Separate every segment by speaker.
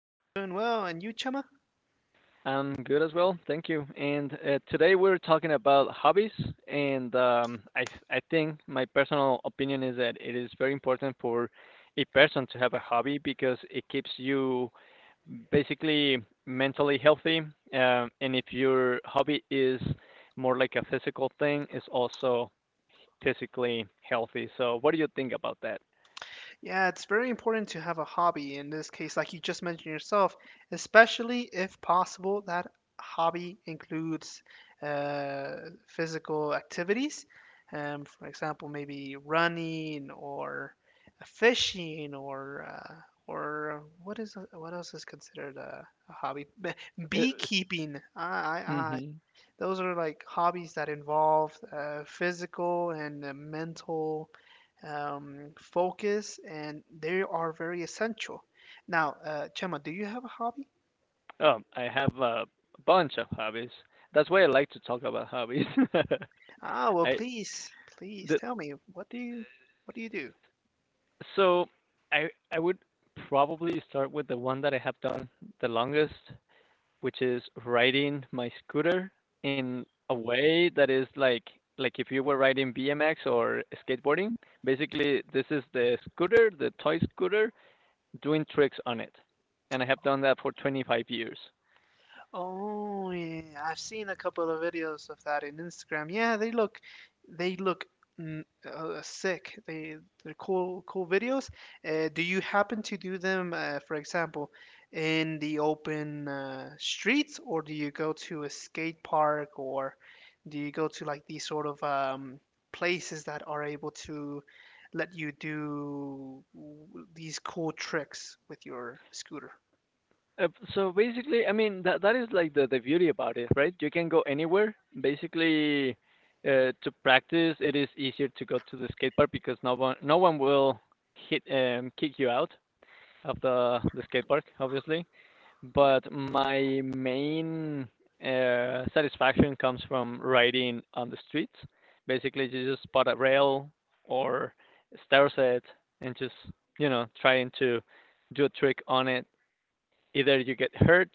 Speaker 1: I'm doing well, and you, Chema?
Speaker 2: I'm good as well, thank you. And today we're talking about hobbies, and I think my personal opinion is that it is very important for a person to have a hobby because it keeps you basically mentally healthy. And if your hobby is more like a physical thing, it's also physically healthy. So, what do you think about that?
Speaker 1: Yeah, it's very important to have a hobby in this case, like you just mentioned yourself, especially if possible, that hobby includes uh, physical activities. For example, maybe running or fishing or what else is considered a hobby?
Speaker 2: Uh,
Speaker 1: Beekeeping. I, Those are like hobbies that involve physical and mental focus, and they are very essential. Now, Chema, do you have a hobby?
Speaker 2: Oh, I have a bunch of hobbies. That's why I like to talk about hobbies.
Speaker 1: Ah, well,
Speaker 2: I
Speaker 1: please, please
Speaker 2: the,
Speaker 1: tell me, what do you do?
Speaker 2: so I would probably start with the one that I have done the longest, which is riding my scooter in a way that is like if you were riding BMX or skateboarding. Basically, this is the scooter, the toy scooter, doing tricks on it, and I have done that for 25 years.
Speaker 1: Oh yeah, I've seen a couple of videos of that in Instagram. They look sick. They're cool videos. Do you happen to do them, for example, in the open streets, or do you go to a skate park, or do you go to like these sort of places that are able to let you do these cool tricks with your scooter?
Speaker 2: Uh, so basically, I mean that is like the beauty about it, right? You can go anywhere. Basically, to practice, it is easier to go to the skate park because no one will hit kick you out of the skate park, obviously. But my main satisfaction comes from riding on the streets. Basically, you just spot a rail or stare set and just you know trying to do a trick on it. Either you get hurt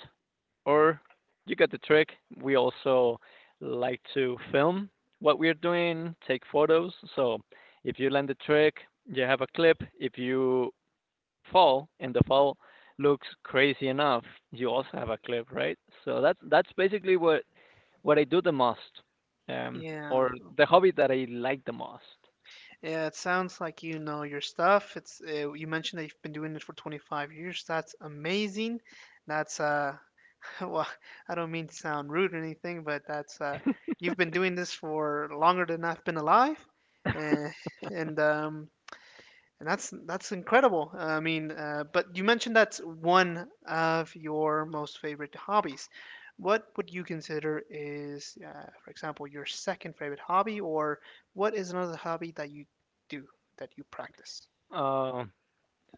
Speaker 2: or you get the trick. We also like to film what we're doing, take photos. So if you land the trick, you have a clip. If you fall and the fall looks crazy enough, you also have a clip, right? So that's basically what I do the most,
Speaker 1: Yeah.
Speaker 2: or the hobby that I like the most.
Speaker 1: Yeah, it sounds like you know your stuff. It's you mentioned that you've been doing it for 25 years. That's amazing. That's well, I don't mean to sound rude or anything, but that's you've been doing this for longer than I've been alive. And and um and that's incredible. But you mentioned that's one of your most favorite hobbies. What would you consider is, for example, your second favorite hobby, or what is another hobby that you do that you practice?
Speaker 2: Uh,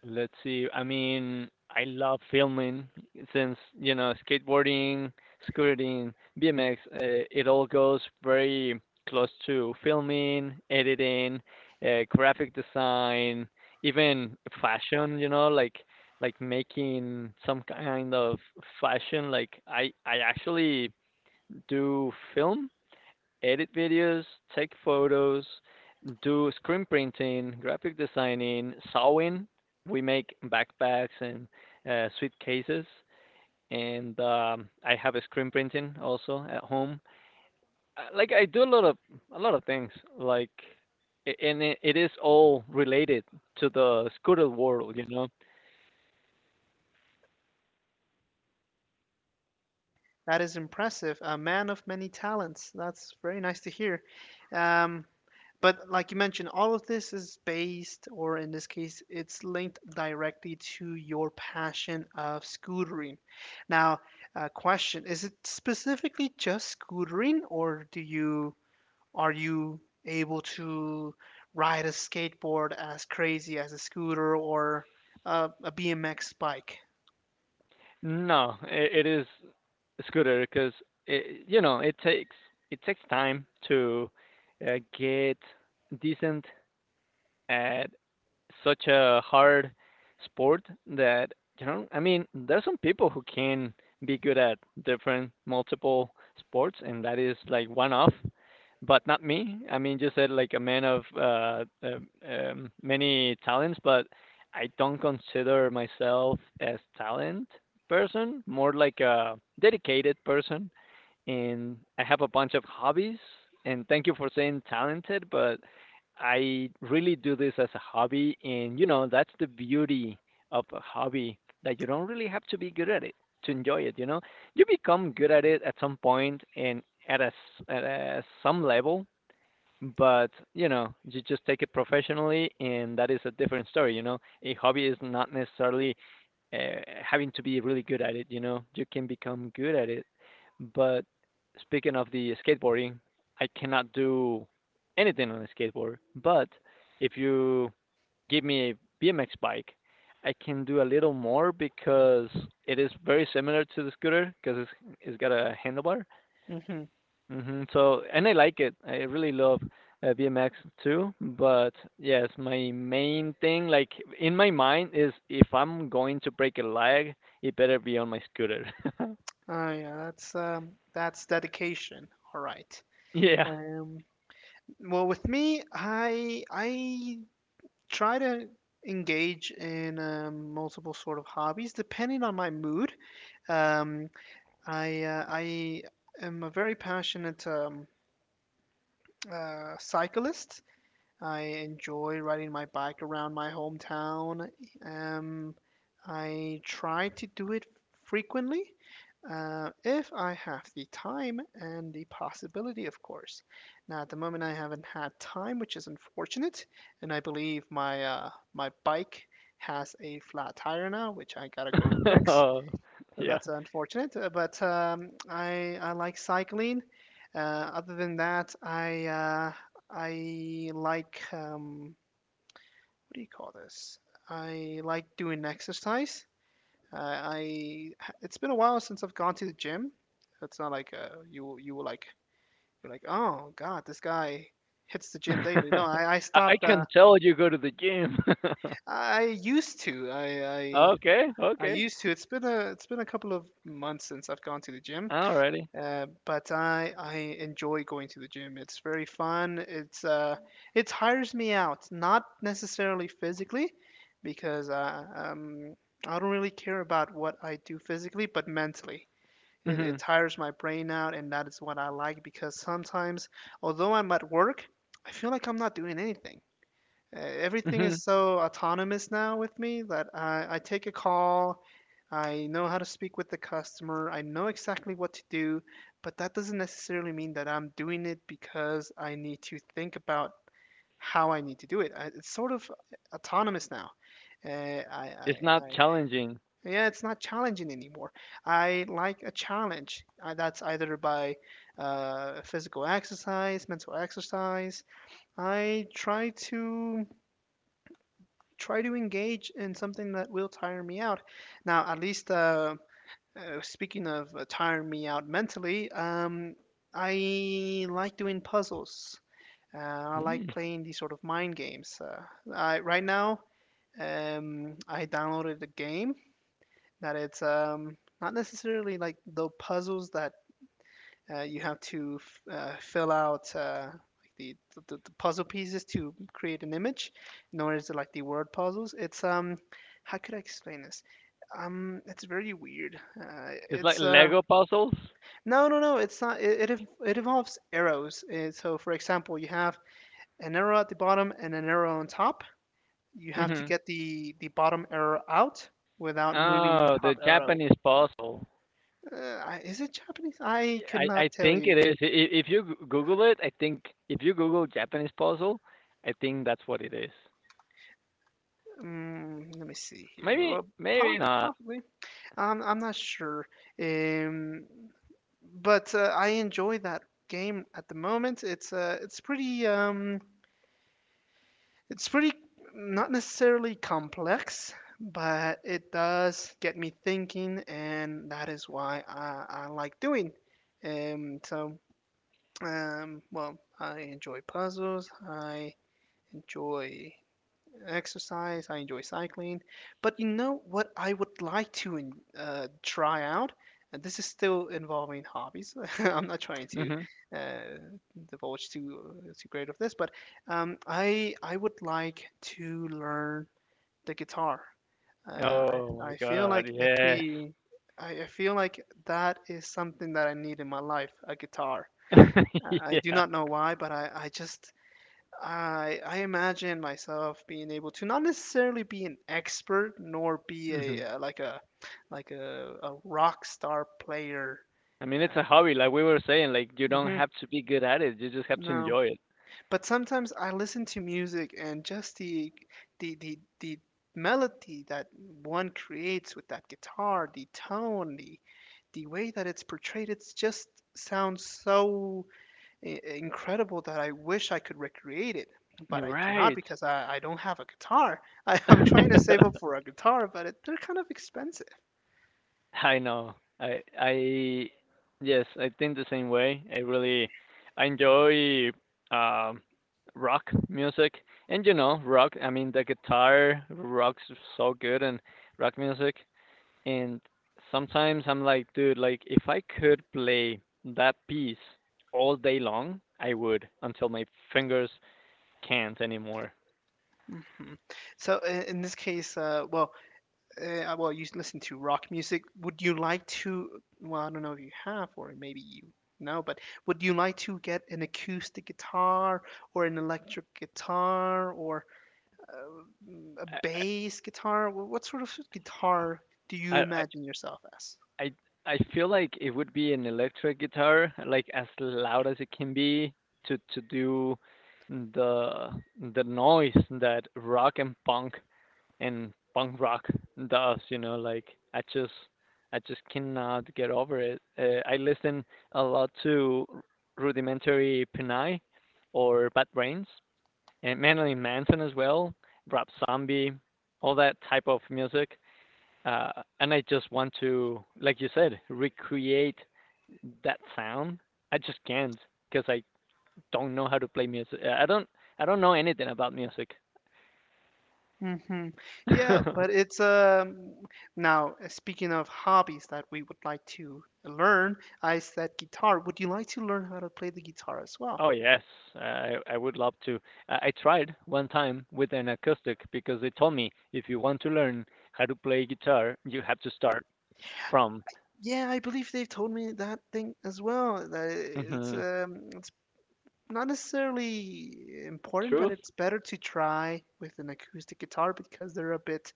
Speaker 2: Let's see. I mean, I love filming since, you know, skateboarding, scooting, BMX, it all goes very close to filming, editing, graphic design, even fashion, you know, like making some kind of fashion. Like I actually do film, edit videos, take photos, do screen printing, graphic designing, sewing. We make backpacks and suitcases. And I have a screen printing also at home. Like I do a lot of things. Like and it is all related to the scooter world, you know.
Speaker 1: That is impressive. A man of many talents. That's very nice to hear. Um, But like you mentioned, all of this is based, or in this case, it's linked directly to your passion of scootering. Now, question: Is it specifically just scootering, or do you are you able to ride a skateboard as crazy as a scooter or a BMX bike?
Speaker 2: No, it is scooter because it, you know it takes time to get decent at such a hard sport that you know, I mean there's some people who can be good at different multiple sports and that is like one off, but not me. I mean, you said like a man of many talents, but I don't consider myself as talent person, more like a dedicated person, and I have a bunch of hobbies, and thank you for saying talented. But I really do this as a hobby, and you know that's the beauty of a hobby, that you don't really have to be good at it to enjoy it. You know, you become good at it at some point and at a s at some level, but you know you just take it professionally and that is a different story. You know, a hobby is not necessarily uh, having to be really good at it. You know, you can become good at it, but speaking of the skateboarding, I cannot do anything on a skateboard. But if you give me a BMX bike, I can do a little more because it is very similar to the scooter because it's got a handlebar.
Speaker 1: Hmm.
Speaker 2: Hmm So, and I like it. I really love BMX too. But yes, my main thing, like in my mind, is if I'm going to break a leg, it better be on my scooter.
Speaker 1: Oh yeah, that's dedication. All right.
Speaker 2: Yeah.
Speaker 1: Um, well, with me, I try to engage in multiple sort of hobbies depending on my mood. Um, I am a very passionate cyclist. I enjoy riding my bike around my hometown. Um, I try to do it frequently, if I have the time and the possibility, of course. Now, at the moment, I haven't had time, which is unfortunate, and I believe my my bike has a flat tire now, which I gotta go fix.
Speaker 2: Oh,
Speaker 1: So
Speaker 2: yeah.
Speaker 1: that's unfortunate, but I like cycling. Uh, other than that, I like what do you call this? I like doing exercise. I it's been a while since I've gone to the gym. It's not like you were like you're like oh God, this guy hits the gym daily. No, I
Speaker 2: I I
Speaker 1: stopped.
Speaker 2: can tell you go to the gym.
Speaker 1: I used to.
Speaker 2: Okay,
Speaker 1: I
Speaker 2: okay.
Speaker 1: used to. It's been a couple of months since I've gone to the gym.
Speaker 2: Alrighty.
Speaker 1: But I enjoy going to the gym. It's very fun. It tires me out, not necessarily physically, because I don't really care about what I do physically, but mentally.
Speaker 2: Hmm.
Speaker 1: It tires my brain out, and that is what I like because sometimes, although I'm at work, I feel like I'm not doing anything everything
Speaker 2: Hmm.
Speaker 1: is so autonomous now with me that I take a call, I know how to speak with the customer, I know exactly what to do, but that doesn't necessarily mean that I'm doing it because I need to think about how I need to do it. I, it's sort of autonomous now. Uh, I, I,
Speaker 2: It's not
Speaker 1: I,
Speaker 2: challenging.
Speaker 1: yeah, it's not challenging anymore. I like a challenge. That's either by physical exercise, mental exercise. I try to engage in something that will tire me out. Now, at least speaking of tiring me out mentally, I like doing puzzles. I like
Speaker 2: Mm.
Speaker 1: playing these sort of mind games. I, right now, I downloaded a game that it's not necessarily like the puzzles that you have to fill out like the puzzle pieces to create an image, known as like the word puzzles. It's how could I explain this? It's very weird.
Speaker 2: It's like
Speaker 1: It's
Speaker 2: Lego puzzles.
Speaker 1: no, no, no. It's not. It involves arrows. So, for example, you have an arrow at the bottom and an arrow on top. You have to
Speaker 2: Mm-hmm.
Speaker 1: get the bottom arrow out without moving the
Speaker 2: Oh, the
Speaker 1: top arrow.
Speaker 2: Japanese puzzle.
Speaker 1: Is it Japanese? I
Speaker 2: Yeah,
Speaker 1: could
Speaker 2: I
Speaker 1: not tell
Speaker 2: think
Speaker 1: you.
Speaker 2: it is. I- If you Google it, I think if you Google Japanese puzzle, I think that's what it is.
Speaker 1: Mm, let me see here.
Speaker 2: Maybe
Speaker 1: Well,
Speaker 2: maybe not.
Speaker 1: possibly. I'm not sure. Um, but I enjoy that game at the moment. It's pretty not necessarily complex, but it does get me thinking, and that is why I like doing. Um, so well, I enjoy puzzles. I enjoy exercise. I enjoy cycling. But you know what I would like to try out? And this is still involving hobbies. I'm not trying to
Speaker 2: Mhm.
Speaker 1: uh, divulge too great of this, but I would like to learn the guitar.
Speaker 2: Oh my
Speaker 1: I feel
Speaker 2: God,
Speaker 1: like it'd
Speaker 2: yes.
Speaker 1: be I feel like that is something that I need in my life, a guitar. I do
Speaker 2: Yeah.
Speaker 1: not know why, but I just I imagine myself being able to not necessarily be an expert nor be
Speaker 2: Mhm.
Speaker 1: a like a like a rock star player.
Speaker 2: I mean, it's
Speaker 1: Uh,
Speaker 2: a hobby, like we were saying, like you don't
Speaker 1: hmm
Speaker 2: have to be good at it. You just have to
Speaker 1: no,
Speaker 2: enjoy it.
Speaker 1: but sometimes I listen to music and just the melody that one creates with that guitar, the tone, the way that it's portrayed, it's just sounds so incredible that I wish I could recreate it, but
Speaker 2: You're
Speaker 1: I cannot
Speaker 2: right.
Speaker 1: because I don't have a guitar. I, I'm trying to save up for a guitar, but it, they're kind of expensive.
Speaker 2: I know. I yes, I think the same way. I enjoy um rock music. And you know, rock, I mean the guitar rocks so good, and rock music, and sometimes I'm like, dude, like if I could play that piece all day long, I would until my fingers can't anymore.
Speaker 1: Hmm. So in this case, well, you listen to rock music. Would you like to? Well, I don't know if you have, or maybe you know, but would you like to get an acoustic guitar or an electric guitar or uh, a
Speaker 2: I
Speaker 1: bass guitar? What sort of guitar do you
Speaker 2: I, I
Speaker 1: imagine yourself as?
Speaker 2: I I feel like it would be an electric guitar, like as loud as it can be to do the the noise that rock and punk rock does, you know, like I just I just cannot get over it. I listen a lot to Rudimentary Pinai or Bad Brains and Marilyn Manson as well, Rob Zombie, all that type of music. Uh, and I just want to, like you said, recreate that sound. I just can't because I don't know how to play music. I don't. I don't know anything about music.
Speaker 1: Hmm. Yeah,
Speaker 2: Oh,
Speaker 1: but it's now speaking of hobbies that we would like to learn, I said guitar. Would you like to learn how to play the guitar as well?
Speaker 2: yes, I would love to. I tried one time with an acoustic because they told me, if you want to learn how to play guitar, you have to start from
Speaker 1: Yeah, I believe they've told me that thing as well. That
Speaker 2: hmm
Speaker 1: it's not necessarily important, but
Speaker 2: truth.
Speaker 1: it's better to try with an acoustic guitar because they're a bit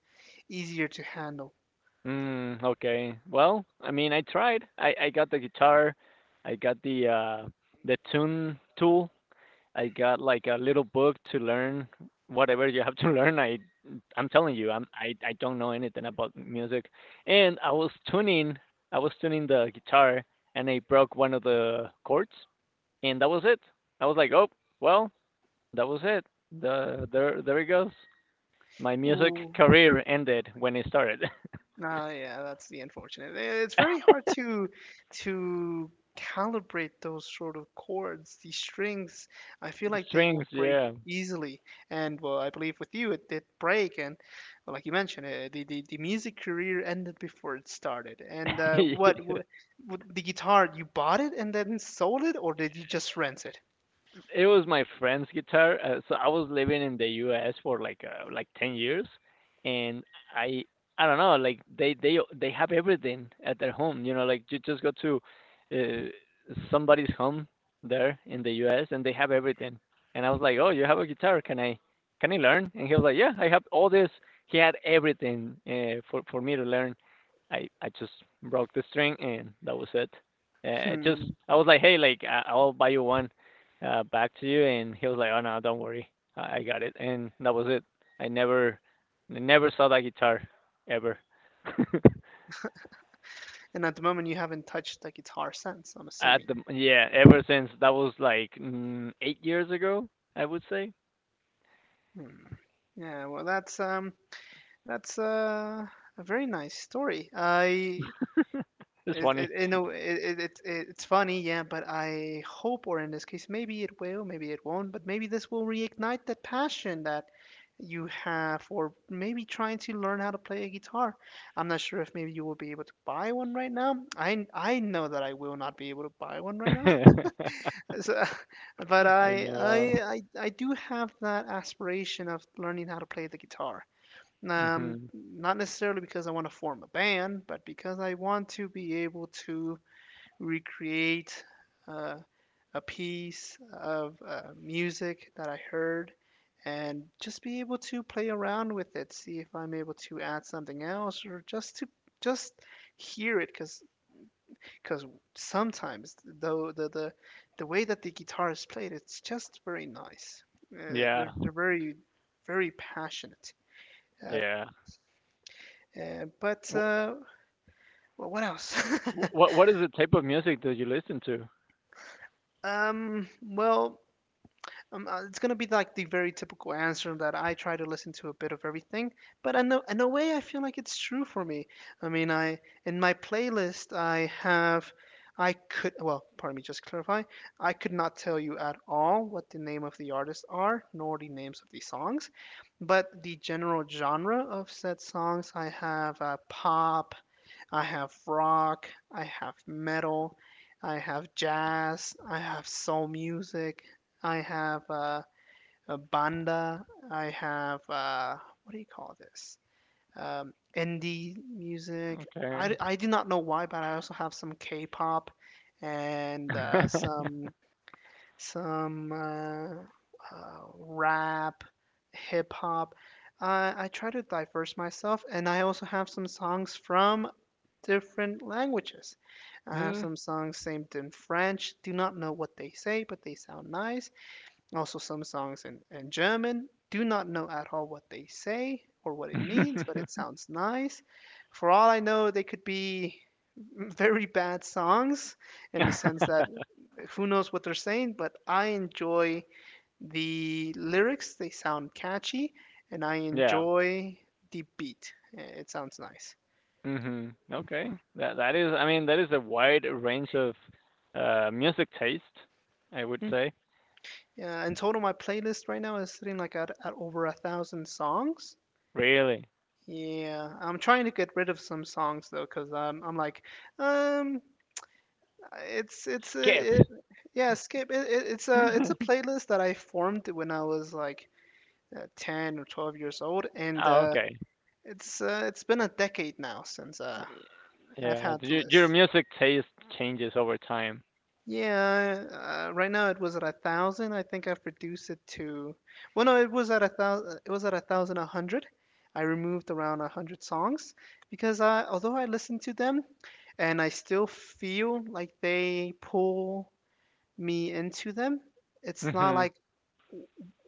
Speaker 1: easier to handle.
Speaker 2: Mm, okay. Well, I mean, I tried. I got the guitar. I got the tune tool. I got like a little book to learn whatever you have to learn. I'm telling you, I don't know anything about music, and I was tuning the guitar, and I broke one of the chords, and that was it. I was like, oh well, that was it. There there it goes. My music
Speaker 1: Ooh,
Speaker 2: career ended when it started.
Speaker 1: ah, yeah, that's the unfortunate. Eh, it's very hard to calibrate those sort of chords, these strings. I feel
Speaker 2: The
Speaker 1: like they will
Speaker 2: strings,
Speaker 1: break
Speaker 2: yeah.
Speaker 1: easily, and well, I believe with you it did break. And well, like you mentioned, the music career ended before it started. And what the guitar? You bought it and then sold it, or did you just rent it?
Speaker 2: It was my friend's guitar. So I was living in the U.S. for like 10 years, and I I don't know, like they have everything at their home. You know, like you just go to somebody's home there in the U.S. and they have everything. And I was like, oh, you have a guitar? Can I learn? And he was like, yeah, I have all this. He had everything for me to learn. I just broke the string, and that was it. It just
Speaker 1: Hmm.
Speaker 2: I was like, hey, like I'll buy you one back to you, and he was like, "Oh no, don't worry, I got it." And that was it. I never, I never saw that guitar ever.
Speaker 1: And at the moment, you haven't touched the guitar since. I'm
Speaker 2: At
Speaker 1: assuming.
Speaker 2: ever since that was like 8 years ago, I would say.
Speaker 1: Hmm. Yeah, well, that's a very nice story.
Speaker 2: It's funny.
Speaker 1: You know, it's funny, yeah, but I hope, or in this case, maybe it will, maybe it won't, but maybe this will reignite that passion that you have, or maybe trying to learn how to play a guitar. I'm not sure if maybe you will be able to buy one right now. I know that I will not be able to buy one right now.
Speaker 2: I
Speaker 1: So, but
Speaker 2: know.
Speaker 1: I do have that aspiration of learning how to play the guitar.
Speaker 2: Hmm.
Speaker 1: Not necessarily because I want to form a band, but because I want to be able to recreate uh, a piece of music that I heard and just be able to play around with it, see if I'm able to add something else or just to just hear it because because sometimes though the way that the guitar is played it's just very nice
Speaker 2: Yeah,
Speaker 1: they're very very passionate uh,
Speaker 2: yeah.
Speaker 1: yeah, but
Speaker 2: What
Speaker 1: well, what else?
Speaker 2: what is the type of music that you listen to?
Speaker 1: Well, it's gonna be like the very typical answer that I try to listen to a bit of everything, but in a way, I feel like it's true for me. I mean, I in my playlist, I have, I could, well, pardon me, just clarify, I could not tell you at all what the name of the artists are, nor the names of the songs, but the general genre of said songs, I have pop. I have rock, I have metal, I have jazz, I have soul music, I have a banda, I have what do you call this? Indie music.
Speaker 2: Okay.
Speaker 1: I do not know why, but I also have some K-pop and some rap, hip hop. I try to diverse myself, and I also have some songs from different languages. I have
Speaker 2: Mm.
Speaker 1: some songs saved in French, do not know what they say, but they sound nice. Also, some songs in German, do not know at all what they say or what it means, but it sounds nice. For all I know, they could be very bad songs in the sense that who knows what they're saying, but I enjoy the lyrics, they sound catchy, and I
Speaker 2: Yeah.
Speaker 1: enjoy the beat. It sounds nice.
Speaker 2: Mhm.
Speaker 1: Hmm.
Speaker 2: Okay. That is, I mean, that is a wide range of music taste, I would say.
Speaker 1: Yeah, in total, my playlist right now is sitting like at over a thousand songs.
Speaker 2: Really.
Speaker 1: Yeah, I'm trying to get rid of some songs though, cause I'm like, um, it's it's
Speaker 2: Skip.
Speaker 1: a it, yeah, skip it's a playlist that I formed when I was like 10 or 12 years old, and
Speaker 2: Oh, okay.
Speaker 1: it's been a decade now since I've
Speaker 2: Yeah,
Speaker 1: had the
Speaker 2: your
Speaker 1: list.
Speaker 2: music taste changes over time.
Speaker 1: Yeah, right now it was at a thousand. I think I've reduced it to, well, no, it was at a thousand. It was at a thousand a hundred. I removed around a hundred songs because I, although I listen to them, and I still feel like they pull me into them, it's not
Speaker 2: Mhm.
Speaker 1: like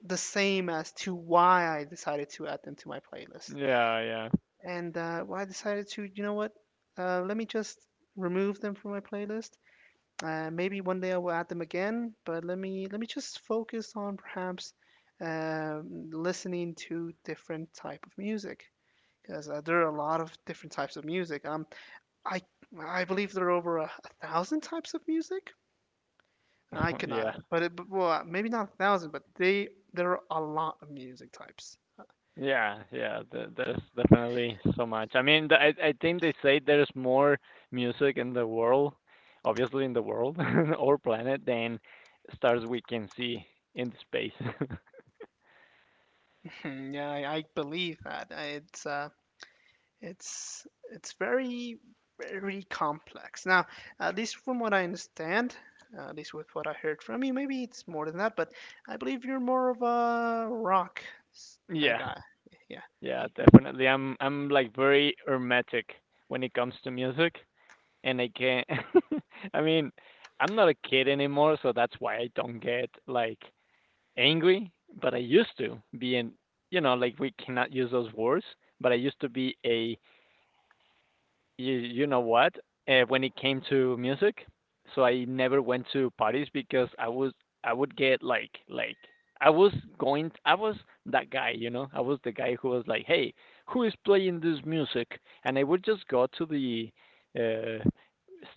Speaker 1: the same as to why I decided to add them to my playlist.
Speaker 2: Yeah, yeah.
Speaker 1: And why I decided to, you know what? Let me just remove them from my playlist. Maybe one day I will add them again, but let me just focus on perhaps listening to different type of music because there are a lot of different types of music. I I believe there are over a thousand types of music. I
Speaker 2: Yeah.
Speaker 1: cannot, well, maybe not a thousand, but they there are a lot of music types.
Speaker 2: Yeah, yeah. There, there's definitely so much. I mean, the, I think they say there's more music in the world, obviously in the world or planet, than stars we can see in space.
Speaker 1: I believe that. It's it's very complex. Now, at least from what I understand, at least with what I heard from you, maybe it's more than that, but I believe you're more of a rock
Speaker 2: Yeah.
Speaker 1: guy. Yeah.
Speaker 2: Yeah, definitely. I'm like very hermetic when it comes to music, and I can't. I mean, I'm not a kid anymore, so that's why I don't get like angry. But I used to be in, you know, like we cannot use those words. But I used to be a you you know what? When it came to music, so I never went to parties because I would get like I was I was that guy, you know. I was the guy who was like, "Hey, who is playing this music?" And I would just go to the uh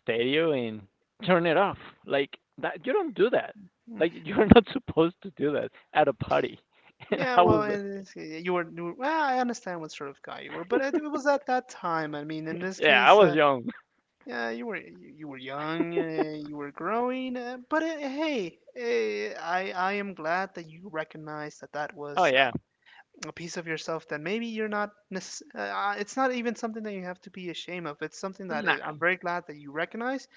Speaker 2: stereo and turn it off. Like that, you don't do that. Like you're not
Speaker 1: Hmm.
Speaker 2: supposed to do that at a party. And
Speaker 1: Yeah,
Speaker 2: I was
Speaker 1: yeah, well, I understand what sort of guy you were, but it was at that time. I mean, in this
Speaker 2: yeah, I
Speaker 1: case,
Speaker 2: was young.
Speaker 1: yeah, you were young, you were growing, but hey, I am glad that you recognized that that
Speaker 2: Oh
Speaker 1: was
Speaker 2: yeah.
Speaker 1: a piece of yourself that maybe you're not necess- it's not even something that you have to be ashamed of. It's something that
Speaker 2: Nah.
Speaker 1: I'm very glad that you recognize.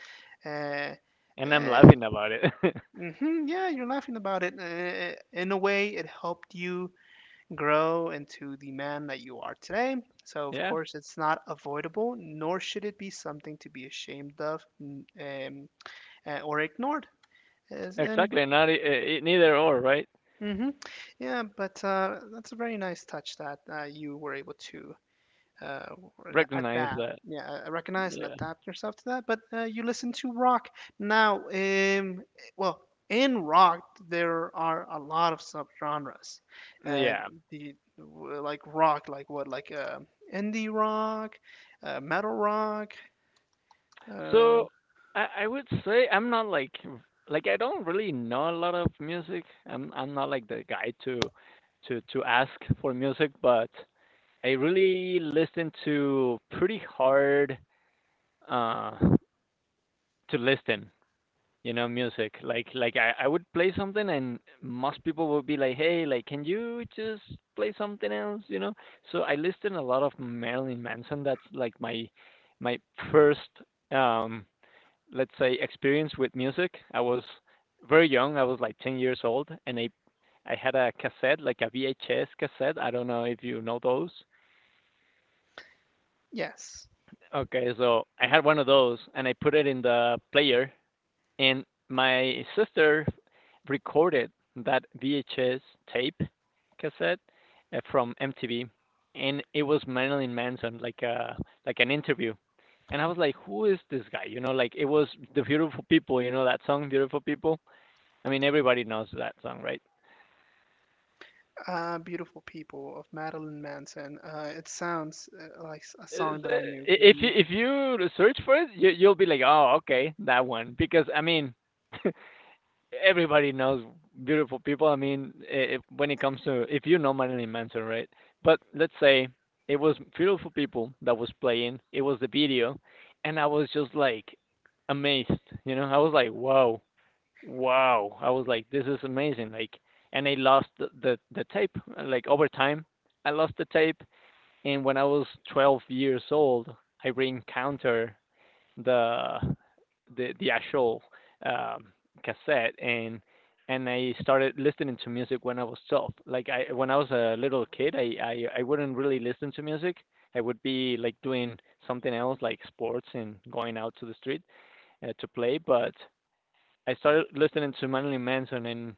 Speaker 1: uh,
Speaker 2: And I'm
Speaker 1: uh,
Speaker 2: laughing about it.
Speaker 1: hmm. Yeah, you're laughing about it. In a way, it helped you grow into the man that you are today, so of
Speaker 2: Yeah.
Speaker 1: course it's not avoidable nor should it be something to be ashamed of. Or ignored. As- and
Speaker 2: Exactly, not neither or, right?
Speaker 1: Hmm. Yeah, but that's a very nice touch that you were able to uh,
Speaker 2: Recognize
Speaker 1: adapt,
Speaker 2: that.
Speaker 1: yeah, recognize and
Speaker 2: Yeah.
Speaker 1: adapt yourself to that. But you listen to rock now. Well, in rock there are a lot of subgenres. Uh,
Speaker 2: Yeah.
Speaker 1: like rock, like what, like indie rock, metal rock. Uh,
Speaker 2: So I would say I'm not like I don't really know a lot of music. I'm not like the guy to ask for music, but I really listen to pretty hard uh to listen. You know, music like like I would play something and most people would be like, "Hey, like can you just play something else, so I listened a lot of Marilyn Manson. That's like my my first um let's say experience with music. I was very young, I was like 10 years old, and I had a cassette, like a VHS cassette. I don't know if you know those.
Speaker 1: yes.
Speaker 2: Okay, so I had one of those and I put it in the player, and my sister recorded that VHS tape cassette from MTV, and it was Marilyn Manson, like a like an interview. And I was like, who is this guy? You know, like it was the Beautiful People. You know that song, Beautiful People. I mean, everybody knows that song, right?
Speaker 1: Beautiful People of Madeline Manson. It sounds a
Speaker 2: uh,
Speaker 1: song that I knew.
Speaker 2: If you-
Speaker 1: The
Speaker 2: if you search for it, you'll be like, oh, okay, that one. Because I mean, everybody knows Beautiful People. I mean, if, when it comes to, if you know Marilyn Manson, right? But let's say it was Beautiful People that was playing. It was the video, and I was just like amazed. You know, I was like, wow, wow. I was like, this is amazing. Like, and I lost the tape. Like over time, I lost the tape. And when I was 12 years old, I reencountered the the actual um, cassette, and I started listening to music when I was 12. Like I, when I was a little kid, I wouldn't really listen to music. I would be like doing something else, like sports and going out to the street to play. But I started listening to Marilyn Manson, and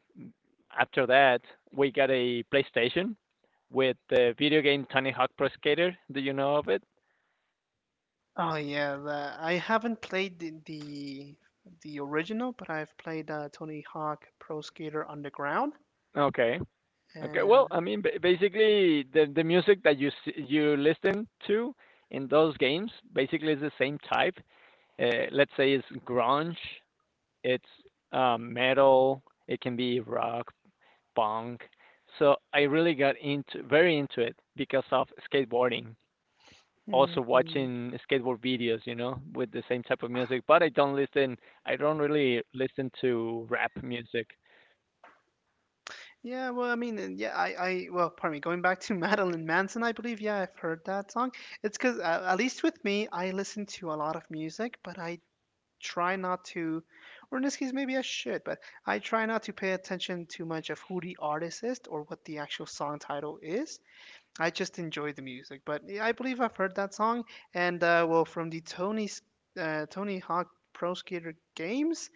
Speaker 2: after that, we got a PlayStation with the video game Tony Hawk Pro Skater. Do you know of it?
Speaker 1: Oh yeah, I haven't played the original, but I've played Tony Hawk Pro Skater Underground.
Speaker 2: Okay. Okay, well,
Speaker 1: And
Speaker 2: I mean, basically, the music that you listen to in those games basically is the same type. Let's say it's grunge, it's metal, it can be rock, punk. So I really got into, very into it because of skateboarding. Also
Speaker 1: mhm.
Speaker 2: watching skateboard videos, you know, with the same type of music. But I don't listen. I don't really listen to rap music.
Speaker 1: Yeah, well, I mean, and well, pardon me, going back to Madeline Manson, I believe, yeah, I've heard that song. It's because, at least with me, I listen to a lot of music, but I try not to, or in this case, maybe I should, but I try not to pay attention too much of who the artist is or what the actual song title is. I just enjoy the music. But yeah, I believe I've heard that song. And well, from the Tony Hawk Pro Skater games,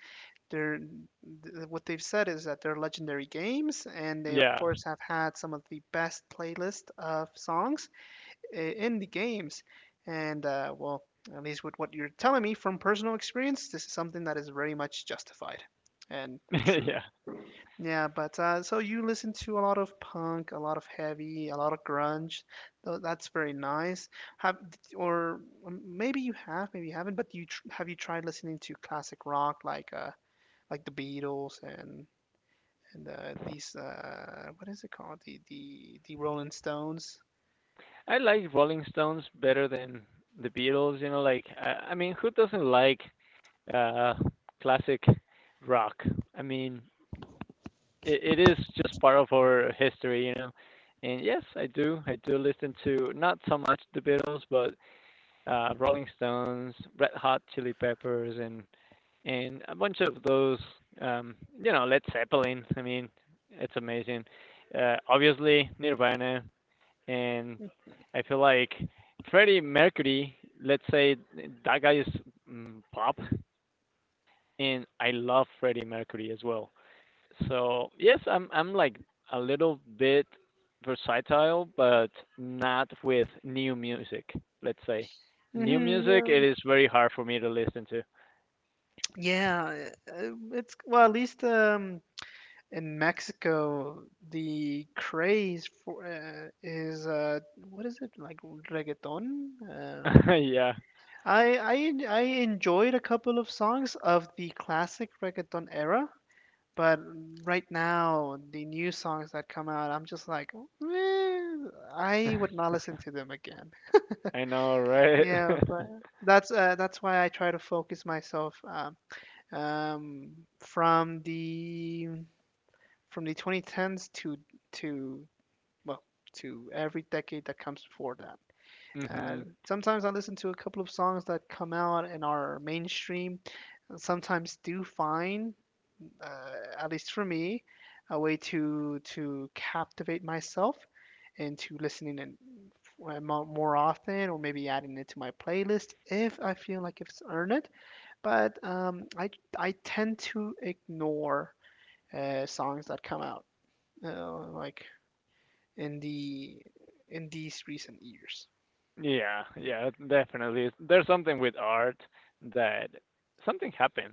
Speaker 1: what they've said is that they're legendary games, and they of
Speaker 2: Yeah,
Speaker 1: course have had some of the best playlist of songs in the games. And well, at least with what you're telling me from personal experience, this is something that is very much justified and true.
Speaker 2: yeah.
Speaker 1: Yeah, but so you listen to a lot of punk, a lot of heavy, a lot of grunge. That's very nice. Have or maybe you have, maybe you haven't. But you tr Have you tried listening to classic rock like the Beatles and these what is it called, the Rolling Stones?
Speaker 2: I like Rolling Stones better than the Beatles. You know, like I mean, who doesn't like uh, classic rock? I mean, it is just part of our history, you know. And yes, I do. I do listen to, not so much the Beatles, but Rolling Stones, Red Hot Chili Peppers, and a bunch of those. Um, you know, Led Zeppelin. I mean, it's amazing. Obviously, Nirvana, and I feel like Freddie Mercury, let's say that guy is pop, and I love Freddie Mercury as well. So yes, I'm like a little bit versatile, but not with new music. Let's say new
Speaker 1: Hmm.
Speaker 2: music,
Speaker 1: Yeah.
Speaker 2: it is very hard for me to listen to.
Speaker 1: Yeah, it's well, at least in Mexico, the craze for is what is it like reggaeton?
Speaker 2: Yeah,
Speaker 1: I enjoyed a couple of songs of the classic reggaeton era, but right now the new songs that come out, I'm just like, "Meh, I would not listen to them again."
Speaker 2: I know, right?
Speaker 1: Yeah, but that's why I try to focus myself um, from the 2010s to well, to every decade that comes before that.
Speaker 2: hmm
Speaker 1: And sometimes I listen to a couple of songs that come out and are mainstream, sometimes do find, at least for me, a way to captivate myself into listening and more often, or maybe adding it to my playlist if I feel like it's earned it. But I tend to ignore songs that come out like in the in these recent years.
Speaker 2: Yeah, yeah, definitely. There's something with art that something happened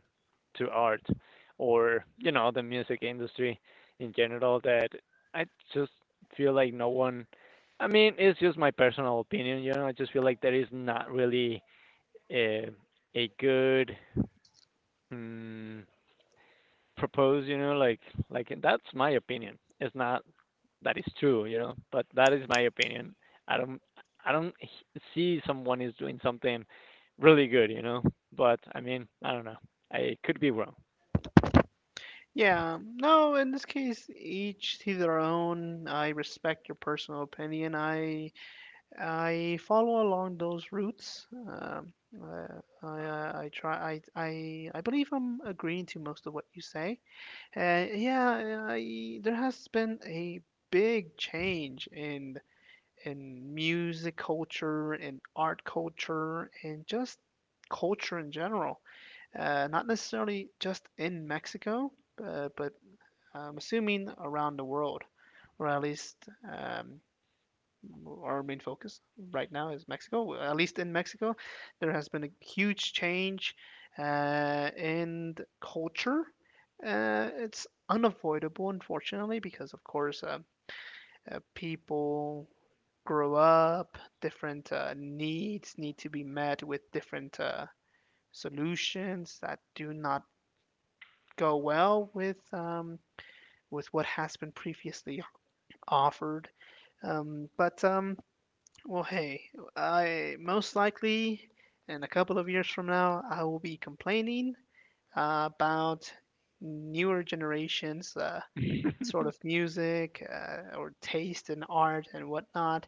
Speaker 2: to art, or, you know, the music industry in general, that I just feel like no one, I mean, it's just my personal opinion, you know, I just feel like there is not really a, a good, mm propose, you know, like that's my opinion. It's not that is true, you know, but that is my opinion. I don't I don't h- see someone is doing something really good, you know. But I mean, I don't know. I could be wrong.
Speaker 1: Yeah, no, in this case, each to their own. I respect your personal opinion. I follow along those routes. I believe I'm agreeing to most of what you say. Yeah, there has been a big change in music culture and art culture and just culture in general. Not necessarily just in Mexico, but I'm assuming around the world, or at least um, our main focus right now is Mexico. Well, at least in Mexico, there has been a huge change in culture. It's unavoidable, unfortunately, because of course people grow up, different needs need to be met with different solutions that do not go well with what has been previously offered. But Well, hey, I most likely in a couple of years from now I will be complaining about newer generations. Sort of music or taste in art and whatnot,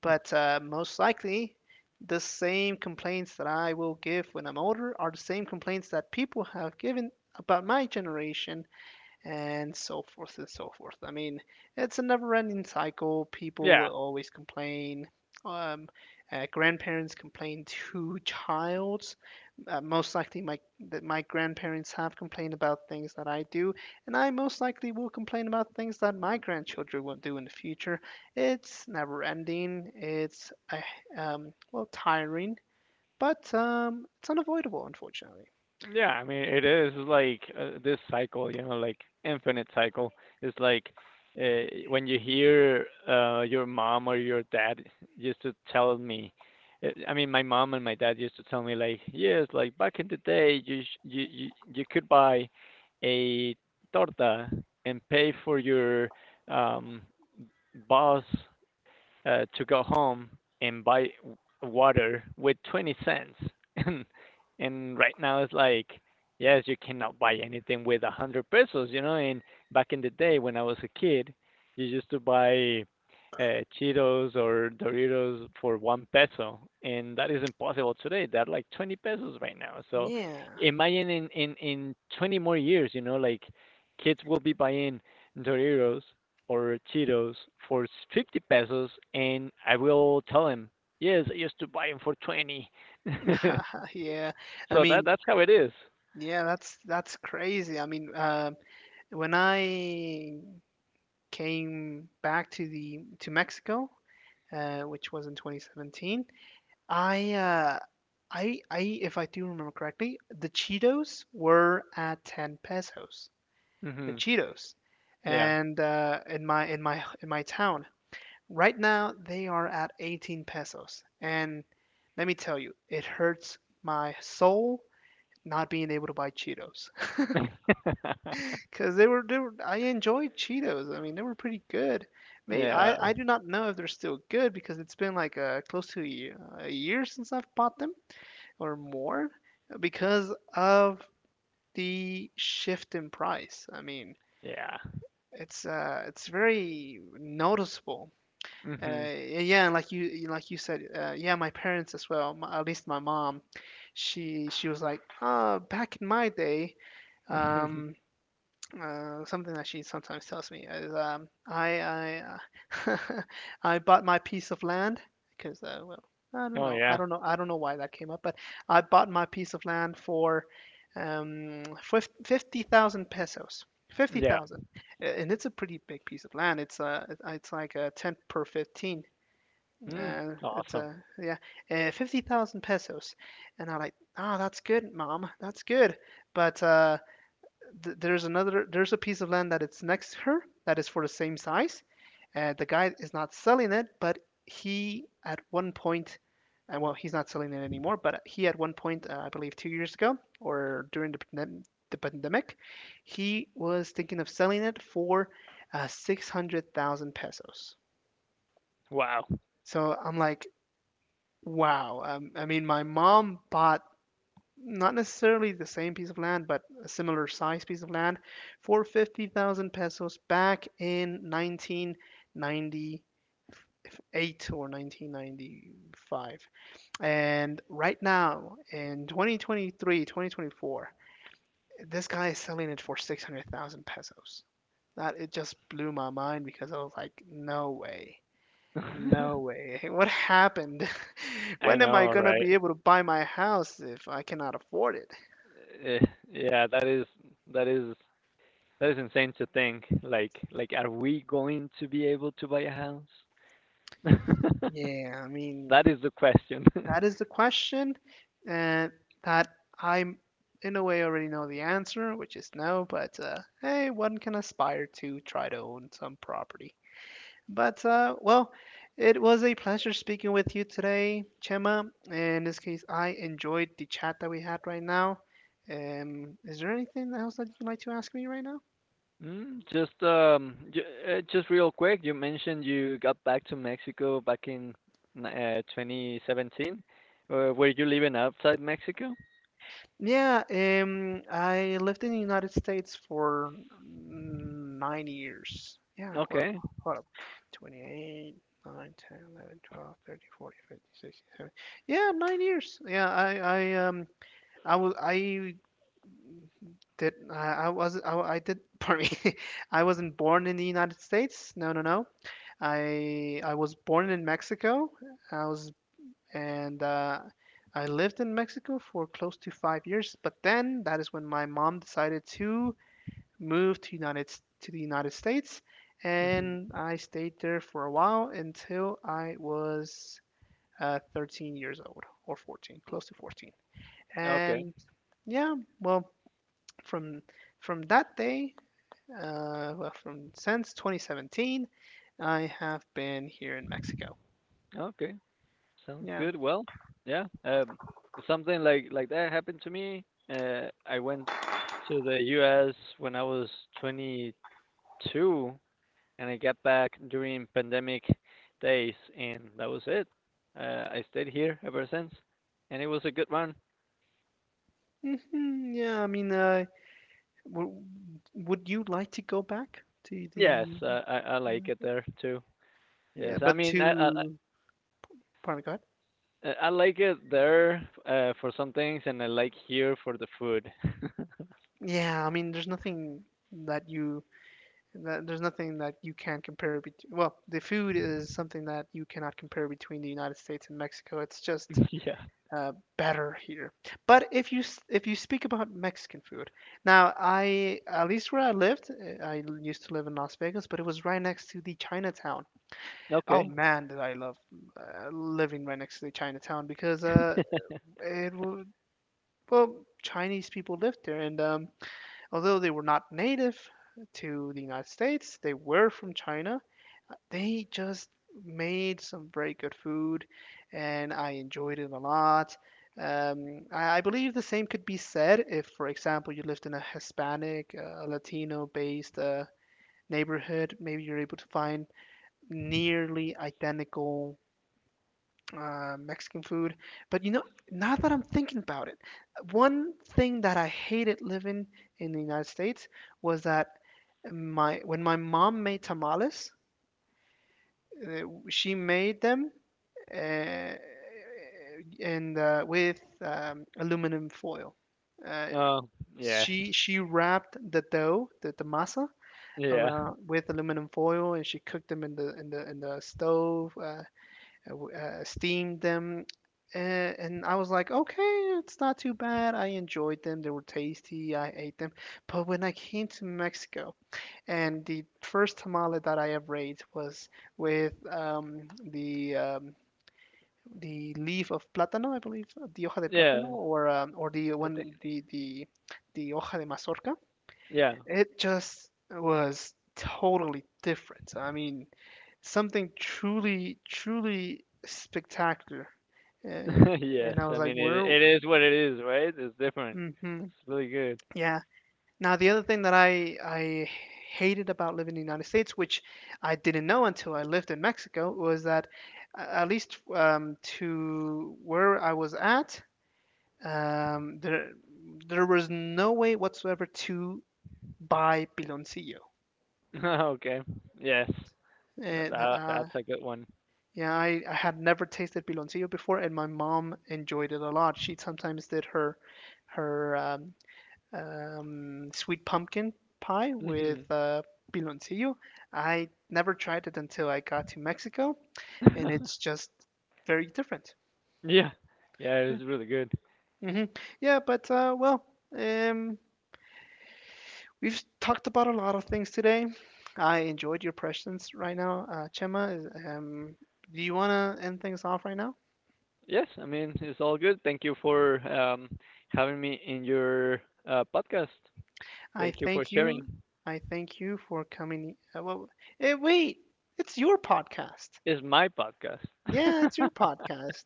Speaker 1: but most likely the same complaints that I will give when I'm older are the same complaints that people have given about my generation, and so forth and so forth. I mean, it's a never ending cycle. People
Speaker 2: Yeah.
Speaker 1: will always complain. Um, Grandparents complain to childs. Most likely, my that my grandparents have complained about things that I do, and I most likely will complain about things that my grandchildren will do in the future. It's never ending. It's Well, tiring, but it's unavoidable, unfortunately.
Speaker 2: Yeah, I mean it is like this cycle, you know, like infinite cycle. It's like when you hear your mom or your dad used to tell me. I mean, my mom and my dad used to tell me like, yes, like back in the day, you you could buy a torta and pay for your um bus to go home and buy water with 20¢. And right now it's like, yes, you cannot buy anything with 100 pesos, you know. And back in the day when I was a kid, you used to buy Cheetos or Doritos for one peso, and that is impossible today. They're like 20 pesos right now. So
Speaker 1: Yeah,
Speaker 2: imagine in 20 more years, you know, like kids will be buying Doritos or Cheetos for 50 pesos, and I will tell him, yes, I used to buy them for 20.
Speaker 1: yeah. I
Speaker 2: So that
Speaker 1: mean,
Speaker 2: that's how it
Speaker 1: yeah, that's crazy. I mean, when I came back to the to Mexico, which was in 2017, I uh, I if I do remember correctly, the Cheetos were at 10 pesos. The
Speaker 2: Mm-hmm.
Speaker 1: Cheetos,
Speaker 2: Yeah.
Speaker 1: and in my town right now they are at 18 pesos. And let me tell you, it hurts my soul not being able to buy Cheetos, because they were, I enjoyed Cheetos. I mean, they were pretty good. Maybe
Speaker 2: Yeah.
Speaker 1: I do not know if they're still good because it's been like close to a, ye- a year since I've bought them or more because of the shift in price. I mean,
Speaker 2: Yeah.
Speaker 1: it's very noticeable.
Speaker 2: Hmm.
Speaker 1: Yeah, yeah, and like you said, yeah, my parents as well. My, at least my mom, she was like, back in my day, um, something that she sometimes tells me is, I uh, I bought my piece of land because well,
Speaker 2: Oh yeah.
Speaker 1: I don't know why that came up, but I bought my piece of land for um, 50,000 pesos. Fifty
Speaker 2: Yeah.
Speaker 1: thousand, and it's a pretty big piece of land. It's like a ten per 15.
Speaker 2: Mm.
Speaker 1: It's
Speaker 2: Awesome.
Speaker 1: a yeah, 50,000 pesos, and I'm like, ah, oh, that's good, mom, that's good. But there's a piece of land that it's next to her, that is for the same size, and the guy is not selling it, but he, at one point, and well, he's not selling it anymore, but he, at one point, I believe 2 years ago, or during the pandemic, he was thinking of selling it for 600,000 pesos.
Speaker 2: Wow.
Speaker 1: So I'm like, wow. I mean, my mom bought, not necessarily the same piece of land, but a similar size piece of land, for 50,000 pesos back in 1998 or 1995. And right now, in 2023, 2024, this guy is selling it for 600,000 pesos. That it just blew my mind, because I was like, no way.
Speaker 2: I
Speaker 1: No way. What happened? When am I
Speaker 2: know,
Speaker 1: gonna
Speaker 2: right?
Speaker 1: be able to buy my house if I cannot afford it?
Speaker 2: Eh, yeah, that is that is that is insane to think. Like are we going to be able to buy a house?
Speaker 1: Yeah, I
Speaker 2: That
Speaker 1: mean,
Speaker 2: is the question.
Speaker 1: that is the question, and that I'm in a way already know the answer, which is no, but hey, one can aspire to try to own some property. But well, it was a pleasure speaking with you today, Chema. In this case, I enjoyed the chat that we had right now. Is there anything else that you'd like to ask me right now?
Speaker 2: Mm, just just real quick, you mentioned you got back to Mexico back in 2017. Were you living outside Mexico?
Speaker 1: Yeah, I lived in the United States for 9 years. Yeah, hold up,
Speaker 2: Okay.
Speaker 1: hold up. 28, 9, 10, 11, 12, 13, 14, 15, 16, 17. Yeah, 9 years. Yeah, I did, pardon me. I wasn't born in the United States. No, no, no. I was born in Mexico. I was and I lived in Mexico for close to 5 years. But then that is when my mom decided to move to United to the United States, and
Speaker 2: Hmm.
Speaker 1: I stayed there for a while until I was 13 years old, or 14, close to 14.
Speaker 2: Okay.
Speaker 1: And yeah, well, from from that day, well, from since 2017, I have been here in Mexico.
Speaker 2: Okay, sounds
Speaker 1: Yeah.
Speaker 2: good. Well, yeah. Something like that happened to me. Uh, I went to the U.S. when I was 22, and I got back during pandemic days, and that was it. I stayed here ever since, and it was a good one.
Speaker 1: Hmm, yeah, I mean, W- would you like to go back to
Speaker 2: Yes,
Speaker 1: the,
Speaker 2: I like it there too.
Speaker 1: yeah,
Speaker 2: Yes, I
Speaker 1: but
Speaker 2: mean
Speaker 1: to pardon God?
Speaker 2: I like it there for some things, and I like here for the food.
Speaker 1: Yeah, I mean, there's nothing that you that, there's nothing that you can compare between. Well, the food is something that you cannot compare between the United States and Mexico. It's just
Speaker 2: Yeah.
Speaker 1: better here. But if you speak about Mexican food, now I, at least where I lived, I used to live in Las Vegas, but it was right next to the Chinatown. Oh
Speaker 2: Okay.
Speaker 1: man, did I love living right next to the Chinatown, because it would, well, Chinese people lived there, and although they were not native to the United States, they were from China. They just made some very good food, and I enjoyed it a lot. I believe the same could be said if, for example, you lived in a Hispanic, Latino-based neighborhood. Maybe you're able to find nearly identical Mexican food. But now that I'm thinking about it, one thing that I hated living in the United States was that my when my mom made tamales, uh, she made them uh, and with aluminum foil. Uh,
Speaker 2: Oh yes.
Speaker 1: she wrapped the dough, the masa,
Speaker 2: Yeah.
Speaker 1: around with aluminum foil, and she cooked them in the stove. Uh, steamed them, and I was like, okay, it's not too bad. I enjoyed them; they were tasty. I ate them. But when I came to Mexico, and the first tamale that I ever ate was with the leaf of plátano, I believe, the hoja de plátano,
Speaker 2: Yeah.
Speaker 1: or the
Speaker 2: I think.
Speaker 1: one the hoja de mazorca.
Speaker 2: Yeah.
Speaker 1: It just was totally different. I mean, something truly, truly spectacular. Uh,
Speaker 2: Yes.
Speaker 1: and I
Speaker 2: I
Speaker 1: was like,
Speaker 2: mean it.
Speaker 1: where?
Speaker 2: It is what it is, right? It's different.
Speaker 1: Hmm.
Speaker 2: It's really good.
Speaker 1: Yeah. Now, the other thing that I hated about living in the United States, which I didn't know until I lived in Mexico, was that, at least, to where I was at, um, there there was no way whatsoever to buy piloncillo.
Speaker 2: Okay. Yes. That
Speaker 1: uh,
Speaker 2: that's a good one.
Speaker 1: Yeah, I had never tasted piloncillo before, and my mom enjoyed it a lot. She sometimes did her her um, sweet pumpkin pie with
Speaker 2: Hmm.
Speaker 1: piloncillo. I never tried it until I got to Mexico, and it's just very different.
Speaker 2: Yeah. Yeah, it
Speaker 1: Yeah.
Speaker 2: was really good.
Speaker 1: Hmm. Yeah, but well, um, we've talked about a lot of things today. I enjoyed your questions right now, Chema. Do you wanna end things off right now?
Speaker 2: Yes, I mean, it's all good. Thank you for having me in your podcast.
Speaker 1: I
Speaker 2: Thank you for
Speaker 1: thank
Speaker 2: sharing.
Speaker 1: you. I thank you for coming. Well, wait, it's your podcast.
Speaker 2: It's my podcast.
Speaker 1: Yeah, it's your podcast.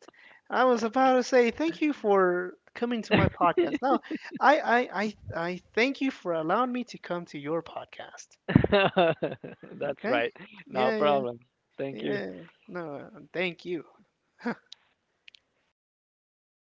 Speaker 1: I was about to say thank you for coming to my podcast. No, I thank you for allowing me to come to your podcast.
Speaker 2: That's
Speaker 1: Okay?
Speaker 2: right. No
Speaker 1: Yeah, yeah,
Speaker 2: problem. Thank you.
Speaker 1: yeah. No, thank you.